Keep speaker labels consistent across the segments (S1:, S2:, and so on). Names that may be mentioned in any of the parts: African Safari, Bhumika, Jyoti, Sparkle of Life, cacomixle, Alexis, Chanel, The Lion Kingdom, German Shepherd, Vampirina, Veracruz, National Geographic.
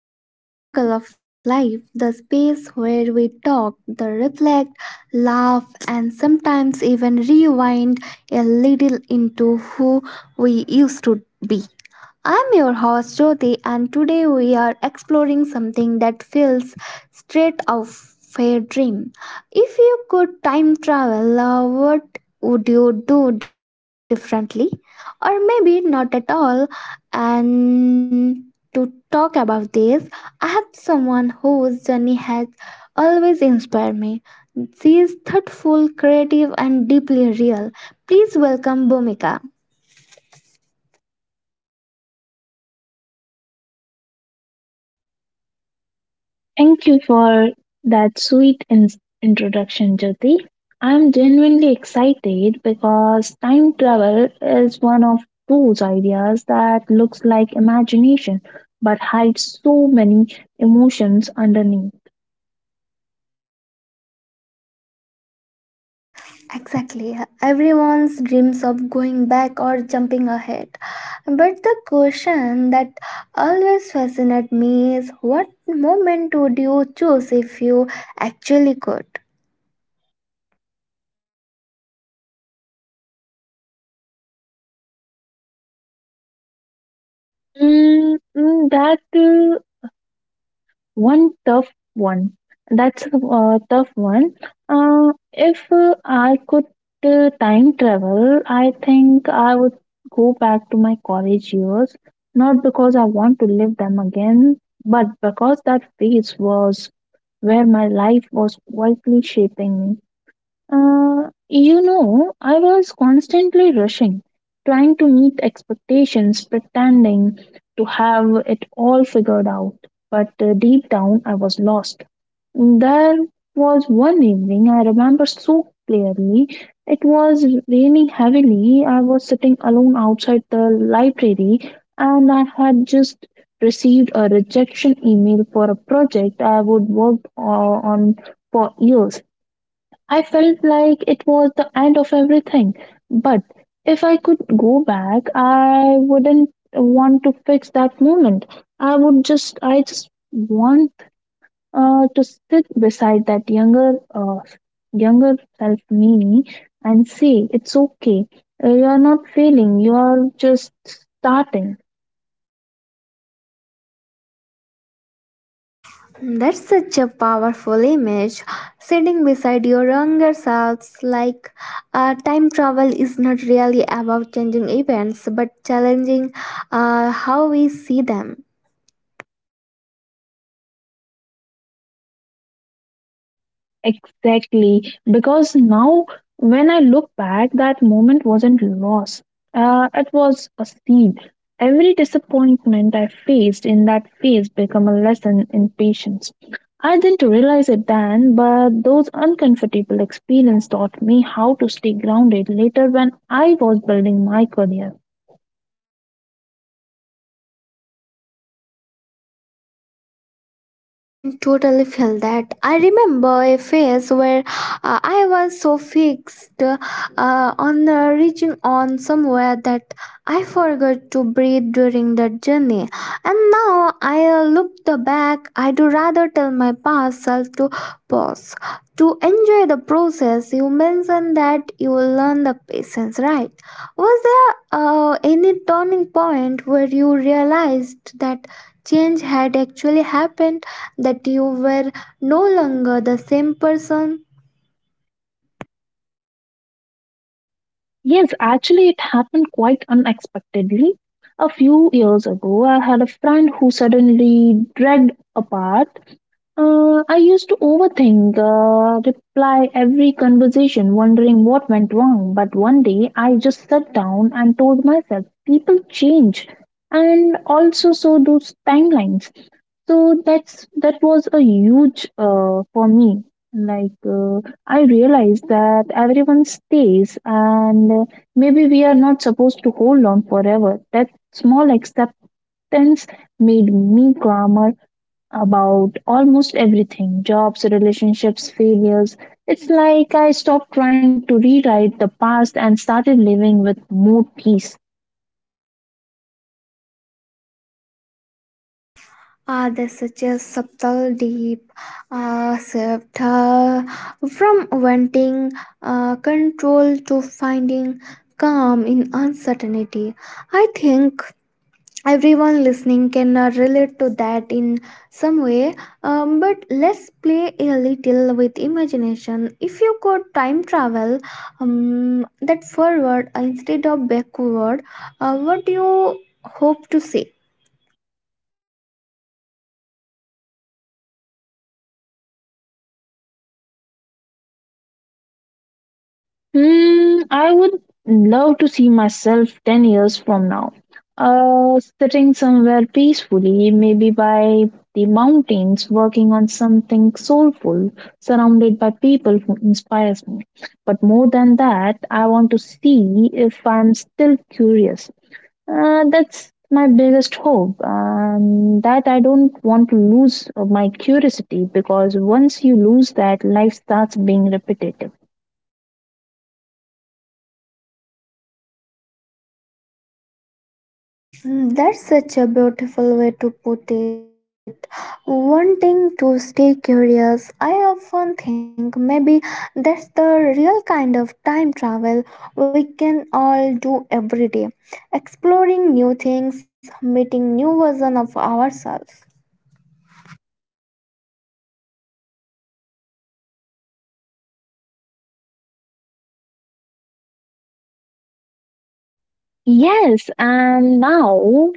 S1: welcome back to Sparkle of Life, the space where we talk, the reflect, laugh, and sometimes even rewind a little into who we used to be. I'm your host Jyoti, and today we are exploring something that feels straight out of a dream. If you could time travel, what would you do differently? Or maybe not at all. And to talk about this, I have someone whose journey has always inspired me. She is thoughtful, creative, and deeply real. Please welcome Bhumika.
S2: Thank you for that introduction, Jyoti. I'm genuinely excited because time travel is one of those ideas that looks like imagination but hides so many emotions underneath.
S1: Exactly. Everyone's dreams of going back or jumping ahead. But the question that always fascinates me is what moment would you choose if you actually could?
S2: Mm, mm, that One tough one. That's a tough one. If I could time travel, I think I would go back to my college years, not because I want to live them again, but because that phase was where my life was quietly shaping me. I was constantly rushing, trying to meet expectations, pretending to have it all figured out. But deep down, I was lost. There was one evening I remember so clearly. It was raining heavily. I was sitting alone outside the library and I had just received a rejection email for a project I would worked on for years. I felt like it was the end of everything. But if I could go back, I wouldn't want to fix that moment. I just want to sit beside that younger self me and say, it's okay. You are not failing. You are just starting.
S1: That's such a powerful image. Sitting beside your younger selves, like time travel is not really about changing events but challenging how we see them.
S2: Exactly, because now when I look back, that moment wasn't loss. It was a seed. Every disappointment I faced in that phase became a lesson in patience. I didn't realize it then, but those uncomfortable experiences taught me how to stay grounded later when I was building my career.
S1: I can totally feel that. I remember a phase where I was so fixed on the reaching on somewhere that I forgot to breathe during that journey. And now I look the back. I do rather tell my past self to pause, to enjoy the process. You mentioned that you will learn the patience, right? Was there any turning point where you realized that change had actually happened? That you were no longer the same person.
S2: Yes, actually, it happened quite unexpectedly. A few years ago, I had a friend who suddenly dragged apart. I used to overthink, reply every conversation, wondering what went wrong. But one day I just sat down and told myself, people change, and also so do timelines. So that was a huge for me. Like uh, I realized that everyone stays, and maybe we are not supposed to hold on forever. That small acceptance made me calmer about almost everything jobs, relationships, failures. It's like I stopped trying to rewrite the past and started living with more peace.
S1: Ah, there's such a subtle, deep shift from wanting control to finding calm in uncertainty. I think everyone listening can relate to that in some way, but let's play a little with imagination. If you could time travel, that forward instead of backward, what do you hope to see?
S2: Hmm, I would love to see myself 10 years from now, sitting somewhere peacefully, maybe by the mountains, working on something soulful, surrounded by people who inspires me. But more than that, I want to see if I'm still curious. That's my biggest hope. That I don't want to lose my curiosity because once you lose that, life starts being repetitive.
S1: Mm, that's such a beautiful way to put it. Wanting to stay curious, I often think maybe that's the real kind of time travel we can all do every day. Exploring new things, meeting new version of ourselves.
S2: Yes, and now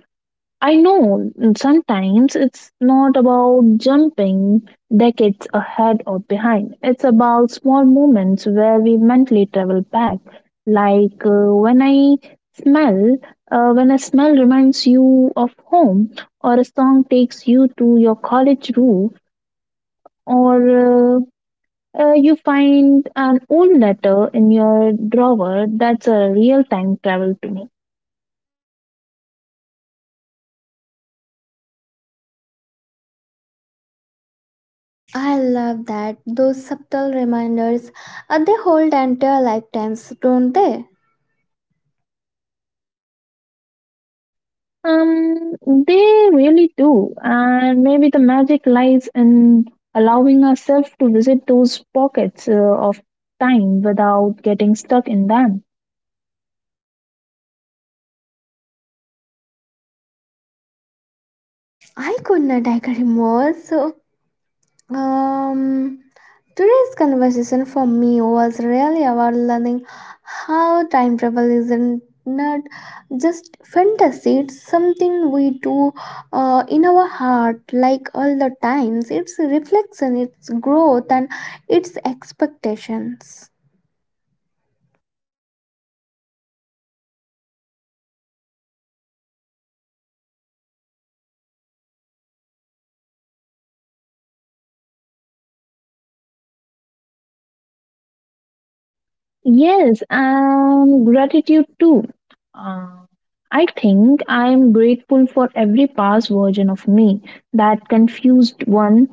S2: I know sometimes it's not about jumping decades ahead or behind. It's about small moments where we mentally travel back. Like uh, when I smell, when a smell reminds you of home, or a song takes you to your college roof, or you find an old letter in your drawer. That's a real time travel to me.
S1: I love that. Those subtle reminders, they hold entire lifetimes, don't they?
S2: Um, they really do. And maybe the magic lies in allowing ourselves to visit those pockets of time without getting stuck in them.
S1: I could not agree more. Um, Today's conversation for me was really about learning how time travel isn't not just fantasy. It's something we do in our heart like all the times. It's reflection, it's growth, and it's expectations.
S2: Yes, gratitude too. Uh, I think I am grateful for every past version of me, that confused one,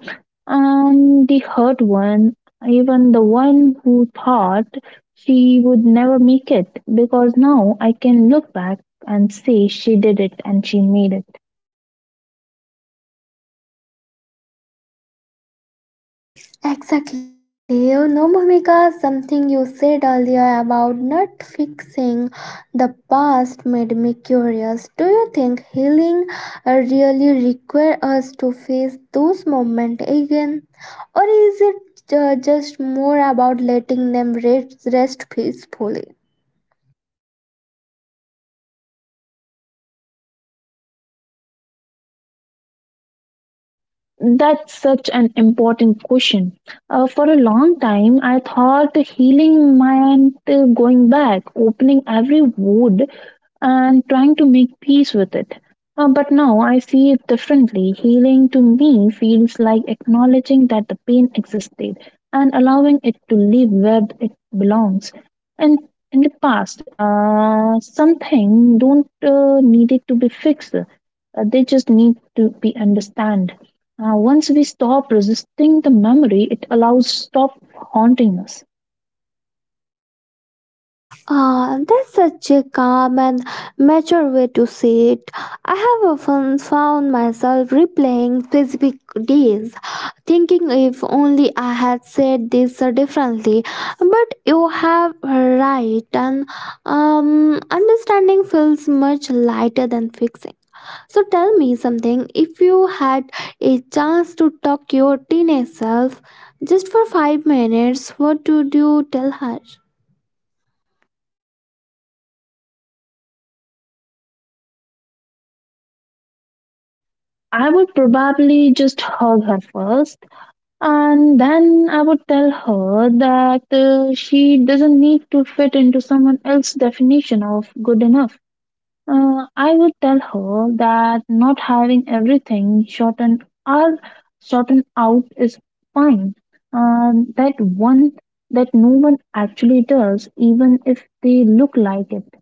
S2: the hurt one, even the one who thought she would never make it, because now I can look back and say she did it and she made it.
S1: Exactly. You know, Bhumika, something you said earlier about not fixing the past made me curious. Do you think healing really requires us to face those moments again? Or is it just more about letting them rest peacefully?
S2: That's such an important question. For a long time, I thought healing meant going back, opening every wound, and trying to make peace with it. But now I see it differently. Healing to me feels like acknowledging that the pain existed and allowing it to live where it belongs. And in the past, something don't need it to be fixed. They just need to be understand. Once we stop resisting the memory, it allows stop haunting us.
S1: Ah, that's such a calm and mature way to see it. I have often found myself replaying specific days, thinking if only I had said this differently. But you have right, and understanding feels much lighter than fixing. So tell me something. If you had a chance to talk your teenage self just for 5 minutes, what would you tell her?
S2: I would probably just hug her first, and then I would tell her that she doesn't need to fit into someone else's definition of good enough. I would tell her that not having everything shortened out is fine. That one that no one actually does, even if they look like it.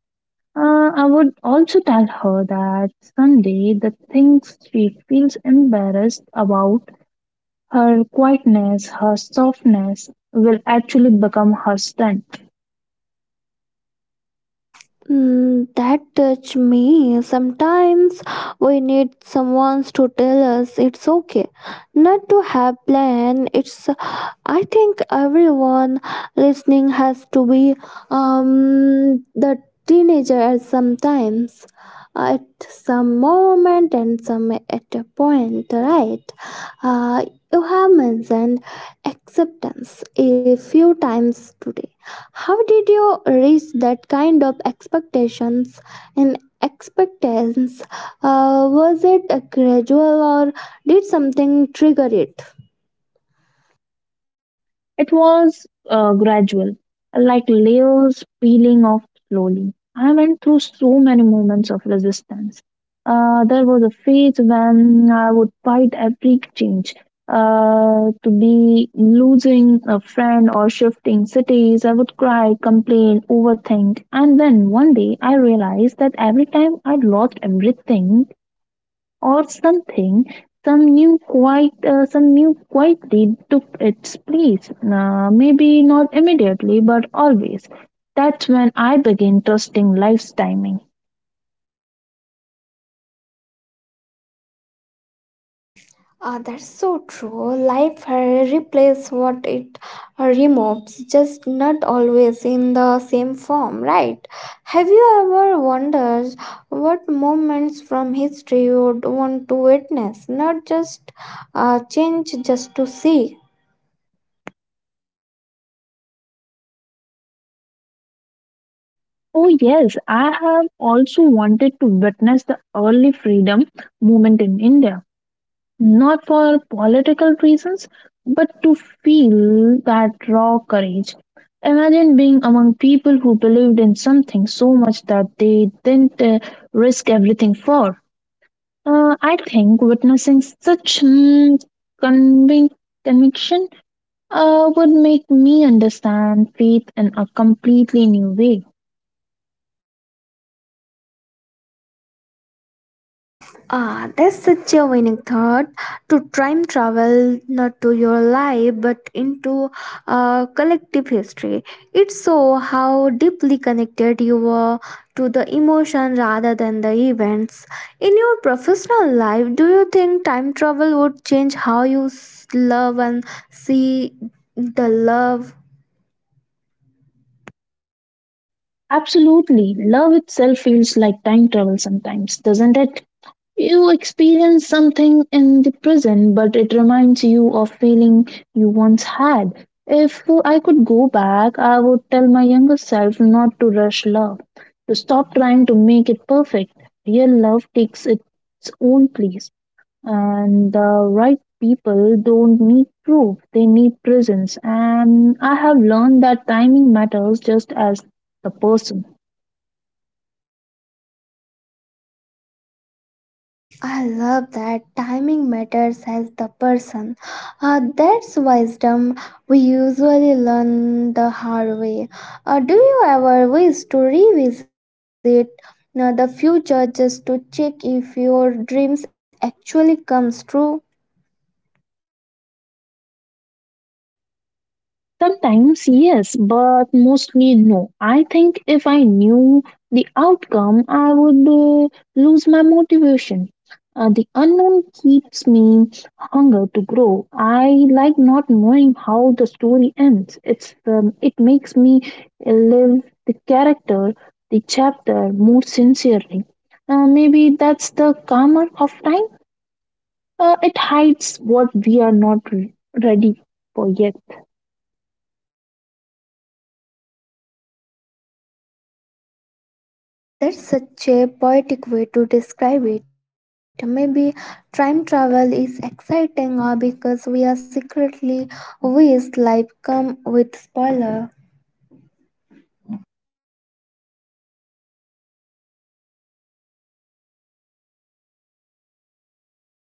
S2: I would also tell her that someday the things she feels embarrassed about, her quietness, her softness, will actually become her strength.
S1: Mm, that touched me. Sometimes we need someone to tell us it's okay not to have plan. It's, I think everyone listening has to be the teenager at sometimes at some moment and some at a point, right? uh, you have mentioned acceptance a few times today. How did you reach that kind of expectations and expectations? Was it a gradual or did something trigger it?
S2: It was gradual, like layers peeling off slowly. I went through so many moments of resistance. There was a phase when I would fight every change. To be losing a friend or shifting cities, I would cry, complain, overthink. And then one day I realized that every time I lost everything, or something, some new quietly took its place. Maybe not immediately, but always. That's when I began trusting life's timing.
S1: Ah, that's so true. Life replaces what it removes, just not always in the same form, right? Have you ever wondered what moments from history you'd want to witness, not just change just to see?
S2: Oh yes, I have also wanted to witness the early freedom movement in India, not for political reasons, but to feel that raw courage. Imagine being among people who believed in something so much that they didn't risk everything for. I think witnessing convic- conviction would make me understand faith in a completely new way.
S1: Ah, that's such a winning thought to time travel not to your life but into collective history. It so how deeply connected you were to the emotion rather than the events. In your professional life, do you think time travel would change how you love and see the love?
S2: Absolutely, love itself feels like time travel sometimes, doesn't it? You experience something in the present, but it reminds you of feeling you once had. If I could go back, I would tell my younger self not to rush love, to stop trying to make it perfect. Real love takes its own place, and the right people don't need proof, they need presence. And I have learned that timing matters just as the person.
S1: I love that timing matters as the person. That's wisdom we usually learn the hard way. Do you ever wish to revisit the future just to check if your dreams actually comes true?
S2: Sometimes, yes, but mostly no. I think if I knew the outcome, I would lose my motivation. The unknown keeps me hunger to grow. I like not knowing how the story ends. It makes me live the character, the chapter more sincerely. Maybe that's the karma of time. It hides what we are not ready for yet.
S1: That's such a poetic way to describe it. Maybe time travel is exciting or because we are secretly wish life come with spoiler.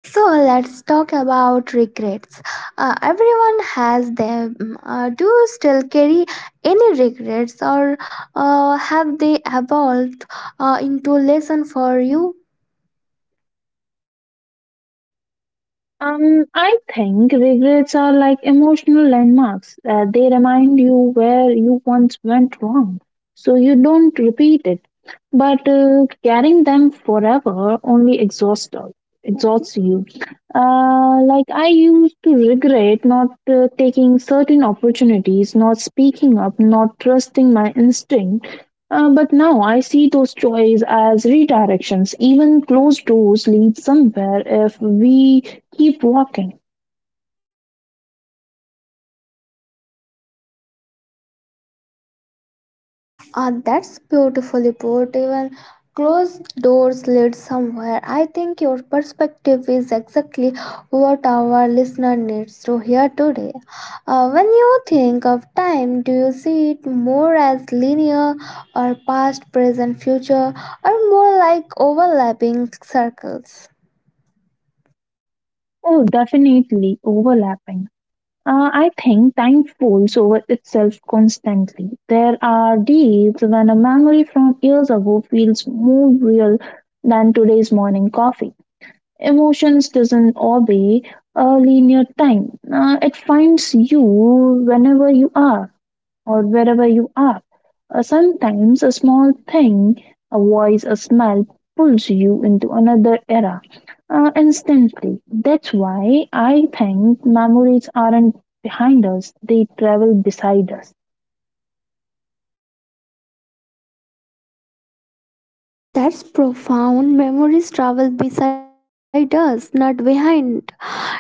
S1: So let's talk about regrets. Everyone has them. Mm. Do you still carry any regrets, or have they evolved into lesson for you?
S2: I think regrets are like emotional landmarks. They remind you where you once went wrong, so you don't repeat it. But carrying them forever only exhausts you. Like I used to regret not taking certain opportunities, not speaking up, not trusting my instinct, but now I see those joys as redirections. Even closed doors lead somewhere if we keep walking.
S1: Ah, that's beautifully put. Even closed doors lead somewhere. I think your perspective is exactly what our listener needs to hear today. When you think of time, do you see it more as linear or past, present, future, or more like overlapping circles?
S2: Oh, definitely overlapping. I think time folds over itself constantly. There are days when a memory from years ago feels more real than today's morning coffee. Emotions doesn't obey a linear time. It finds you whenever you are, or wherever you are. Sometimes a small thing, a voice, a smell pulls you into another era instantly. That's why I think memories aren't behind us, they travel beside us.
S1: That's profound. Memories travel beside us, not behind.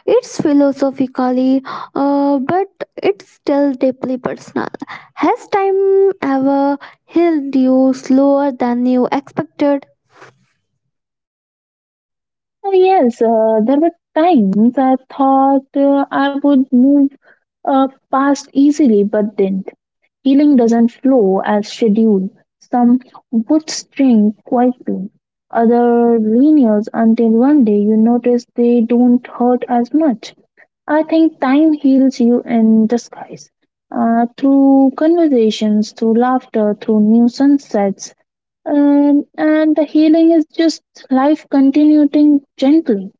S1: It's philosophically, but it's still deeply personal. Has time ever healed you slower than you expected?
S2: Yes, there were times I thought I would move past easily but didn't. Healing doesn't flow as scheduled. Some would string quietly, other lingers until one day you notice they don't hurt as much. I think time heals you in disguise. Through conversations, through laughter, through new sunsets, and the healing is just life continuing gently.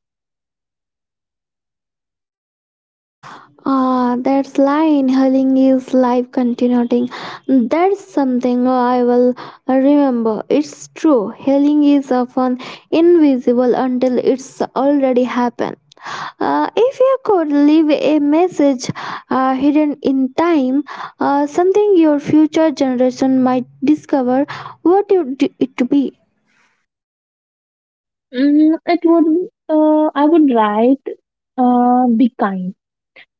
S1: Ah, that's line healing is life continuing. That's something I will remember. It's true. Healing is often invisible until it's already happened. If you could leave a message hidden in time, something your future generation might discover, what would it to be?
S2: I would write, be kind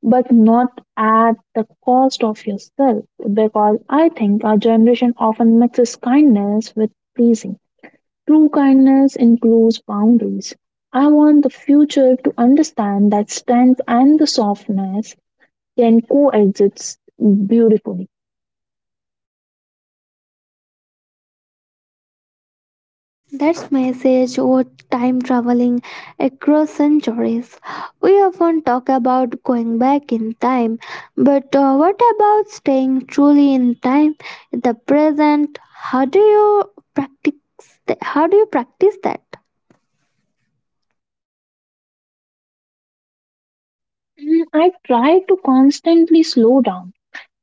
S2: but not at the cost of yourself. Because I think our generation often mixes kindness with pleasing. True kindness includes boundaries. I want the future to understand that strength and the softness can coexist beautifully.
S1: That's message or time traveling across centuries. We often talk about going back in time, but what about staying truly in time, in the present? How do you practice? How do you practice that?
S2: And I try to constantly slow down.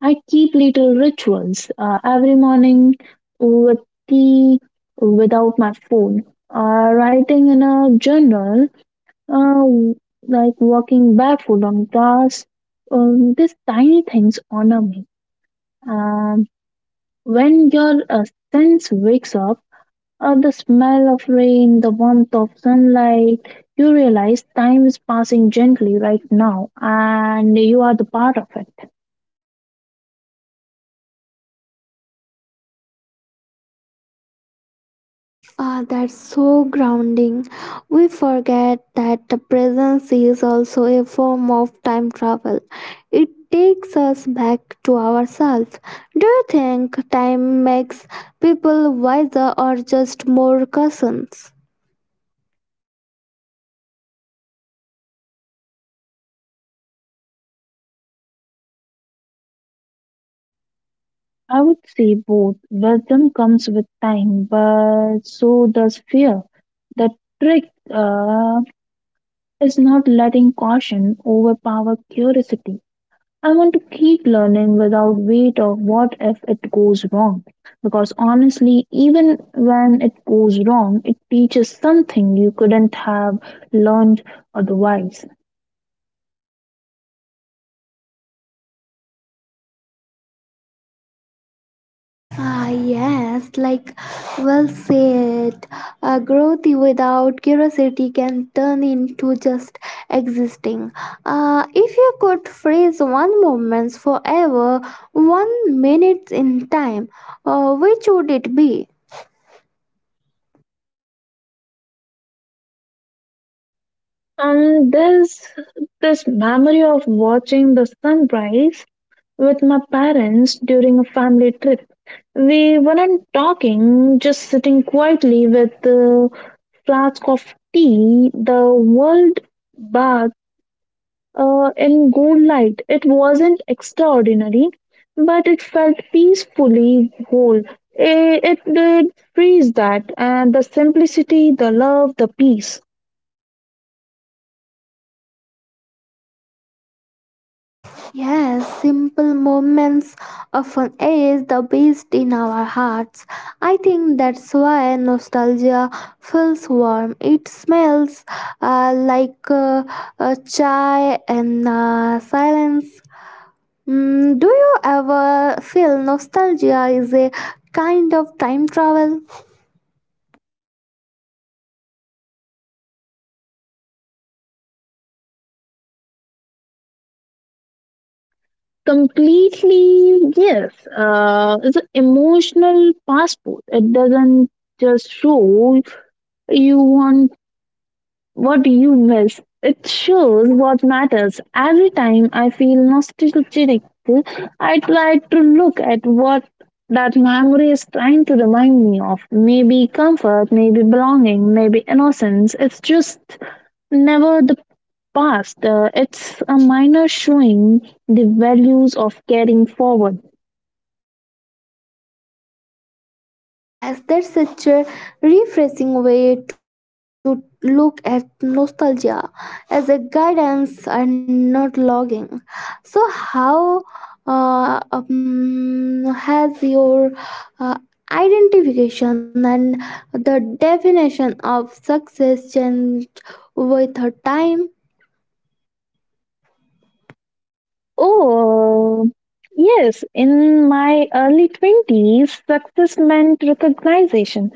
S2: I keep little rituals every morning with tea without my phone, writing in a journal, uh, like walking barefoot on grass. These tiny things honor me. And when your sense wakes up, the smell of rain, the warmth of sunlight, you realize time is passing gently right now and you are the part of it.
S1: Ah, that's so grounding. We forget that the presence is also a form of time travel. It takes us back to ourselves. Do you think time makes people wiser or just more cousins?
S2: I would say both. Wisdom comes with time, but so does fear. The trick uh, is not letting caution overpower curiosity. I want to keep learning without weight of what if it goes wrong. Because honestly, even when it goes wrong, it teaches something you couldn't have learned otherwise.
S1: Ah, yes, like, well said. Growth without curiosity can turn into just existing. If you could freeze one moment forever, one minute in time, which would it be?
S2: And there's this memory of watching the sunrise with my parents during a family trip. We weren't talking, just sitting quietly with a flask of tea, the world bath in good light. It wasn't extraordinary, but it felt peacefully whole. It did freeze that, and the simplicity, the love, the peace.
S1: Yes, simple moments often age the best in our hearts. I think that's why nostalgia feels warm. It smells like chai and silence. Mm, do you ever feel nostalgia is a kind of time travel?
S2: Completely, yes. It's an emotional passport. It doesn't just show you want what you miss. It shows what matters. Every time I feel nostalgic, I try to look at what that memory is trying to remind me of. Maybe comfort, maybe belonging, maybe innocence. It's just never the past. It's a minor showing the values of carrying forward.
S1: Yes, that's such a refreshing way to look at nostalgia as a guidance and not logging. So, how has your uh, identification and the definition of success changed with her time?
S2: Oh, yes. In my early 20s, success meant recognition,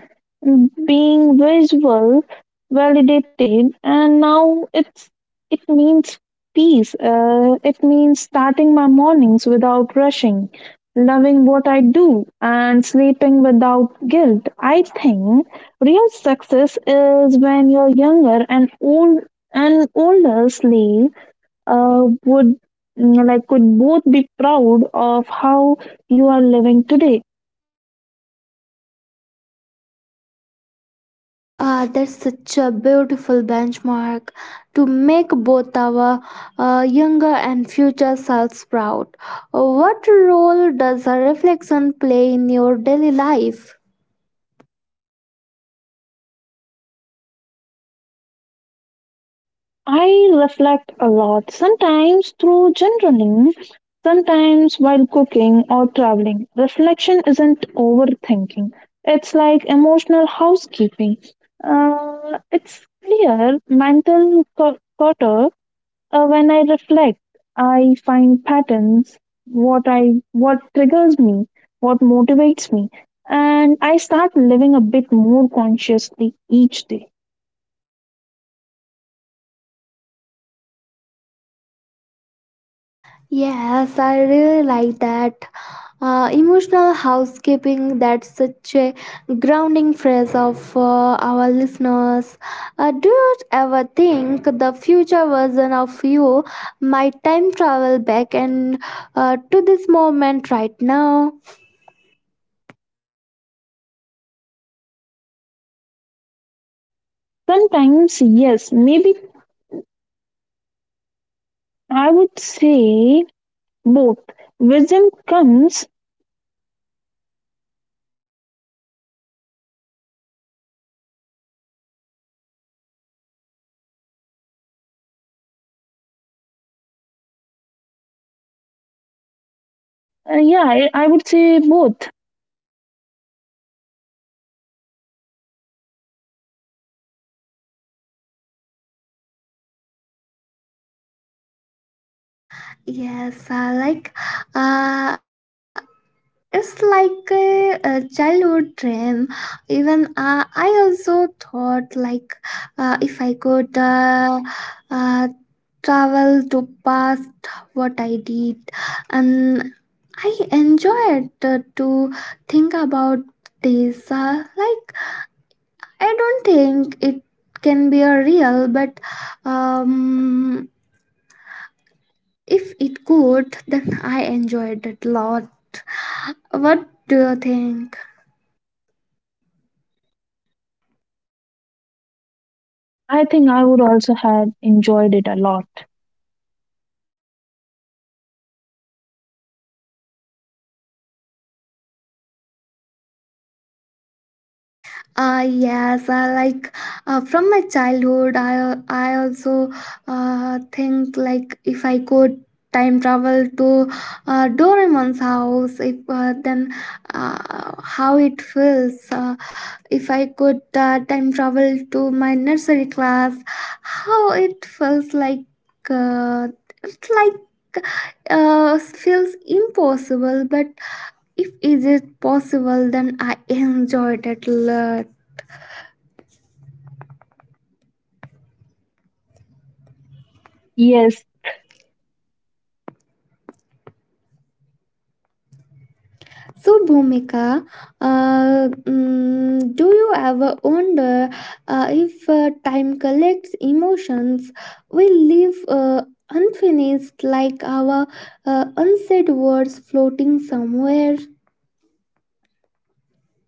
S2: being visual, validated, and now it means peace. It means starting my mornings without rushing, loving what I do, and sleeping without guilt. I think real success is when you're younger and old and older slave would could both be proud of how you are living today.
S1: Ah, that's such a beautiful benchmark to make both our younger and future selves proud. What role does a reflection play in your daily life?
S2: I reflect a lot, sometimes through journaling, sometimes while cooking or traveling. Reflection isn't overthinking; it's like emotional housekeeping. It's clear mental clutter. When I reflect, I find patterns, what triggers me, what motivates me, and I start living a bit more consciously each day.
S1: Yes, I really like that. Emotional housekeeping, that's such a grounding phrase of our listeners. Do you ever think the future version of you might time travel back and to this moment right now?
S2: Sometimes, yes, maybe I would say both. Wisdom comes, yeah, I would say both.
S1: Yes, like uh, it's like a childhood dream. Even I also thought like if I could. Uh, Travel to past what I did and I enjoyed to think about this like I don't think it can be a real, but um if it could then I enjoyed it a lot. What do you think?
S2: I think I would also have enjoyed it a lot.
S1: Yes, I like, from my childhood. I also think like if I could time travel to Doraemon's house, if then how it feels. If I could time travel to my nursery class, how it feels like. Uh, it's like feels impossible, but if is it possible, then I enjoyed it a lot.
S2: Yes.
S1: So, Bhumika, do you ever wonder if time collects emotions we leave unfinished, like our unsaid words floating somewhere?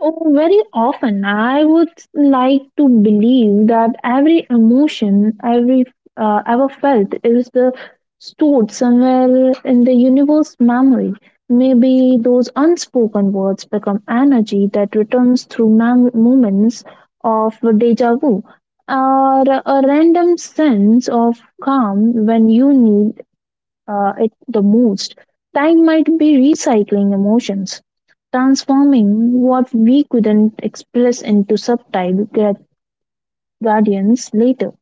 S2: Oh, very often, I would like to believe that every emotion every ever felt is the stored somewhere in the universe memory. Maybe those unspoken words become energy that returns through moments of deja vu, or a random sense of calm when you need it the most. Time might be recycling emotions, transforming what we couldn't express into subtle guardians later.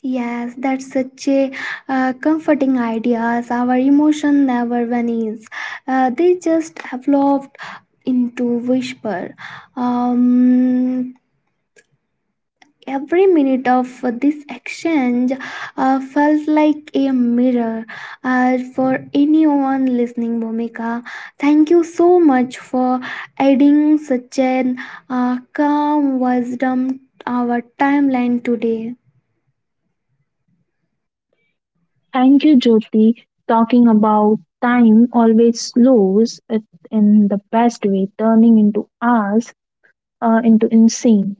S1: Yes, that's such a comforting idea. Our emotion never vanishes; they just evolved into whisper. Um, Every minute of this exchange felt like a mirror for anyone listening, Bhumika. Thank you so much for adding such an calm wisdom to our timeline today.
S2: Thank you, Jyoti. Talking about time always slows it in the best way, turning into hours, into insane.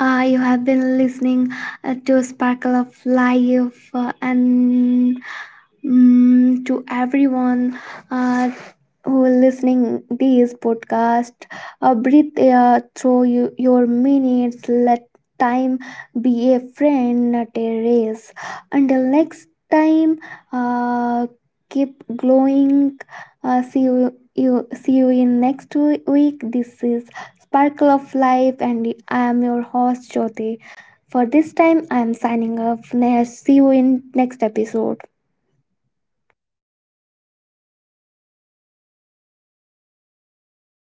S1: You have been listening to a Sparkle of Life and to everyone uh, who is listening this podcast. Breathe air through you, your minutes. Let time be a friend, not a race. Until next time, uh, keep glowing. See you, you. See you in next week. This is Sparkle of Life, and I am your host Jyoti. For this time, I am signing off. See you in next episode.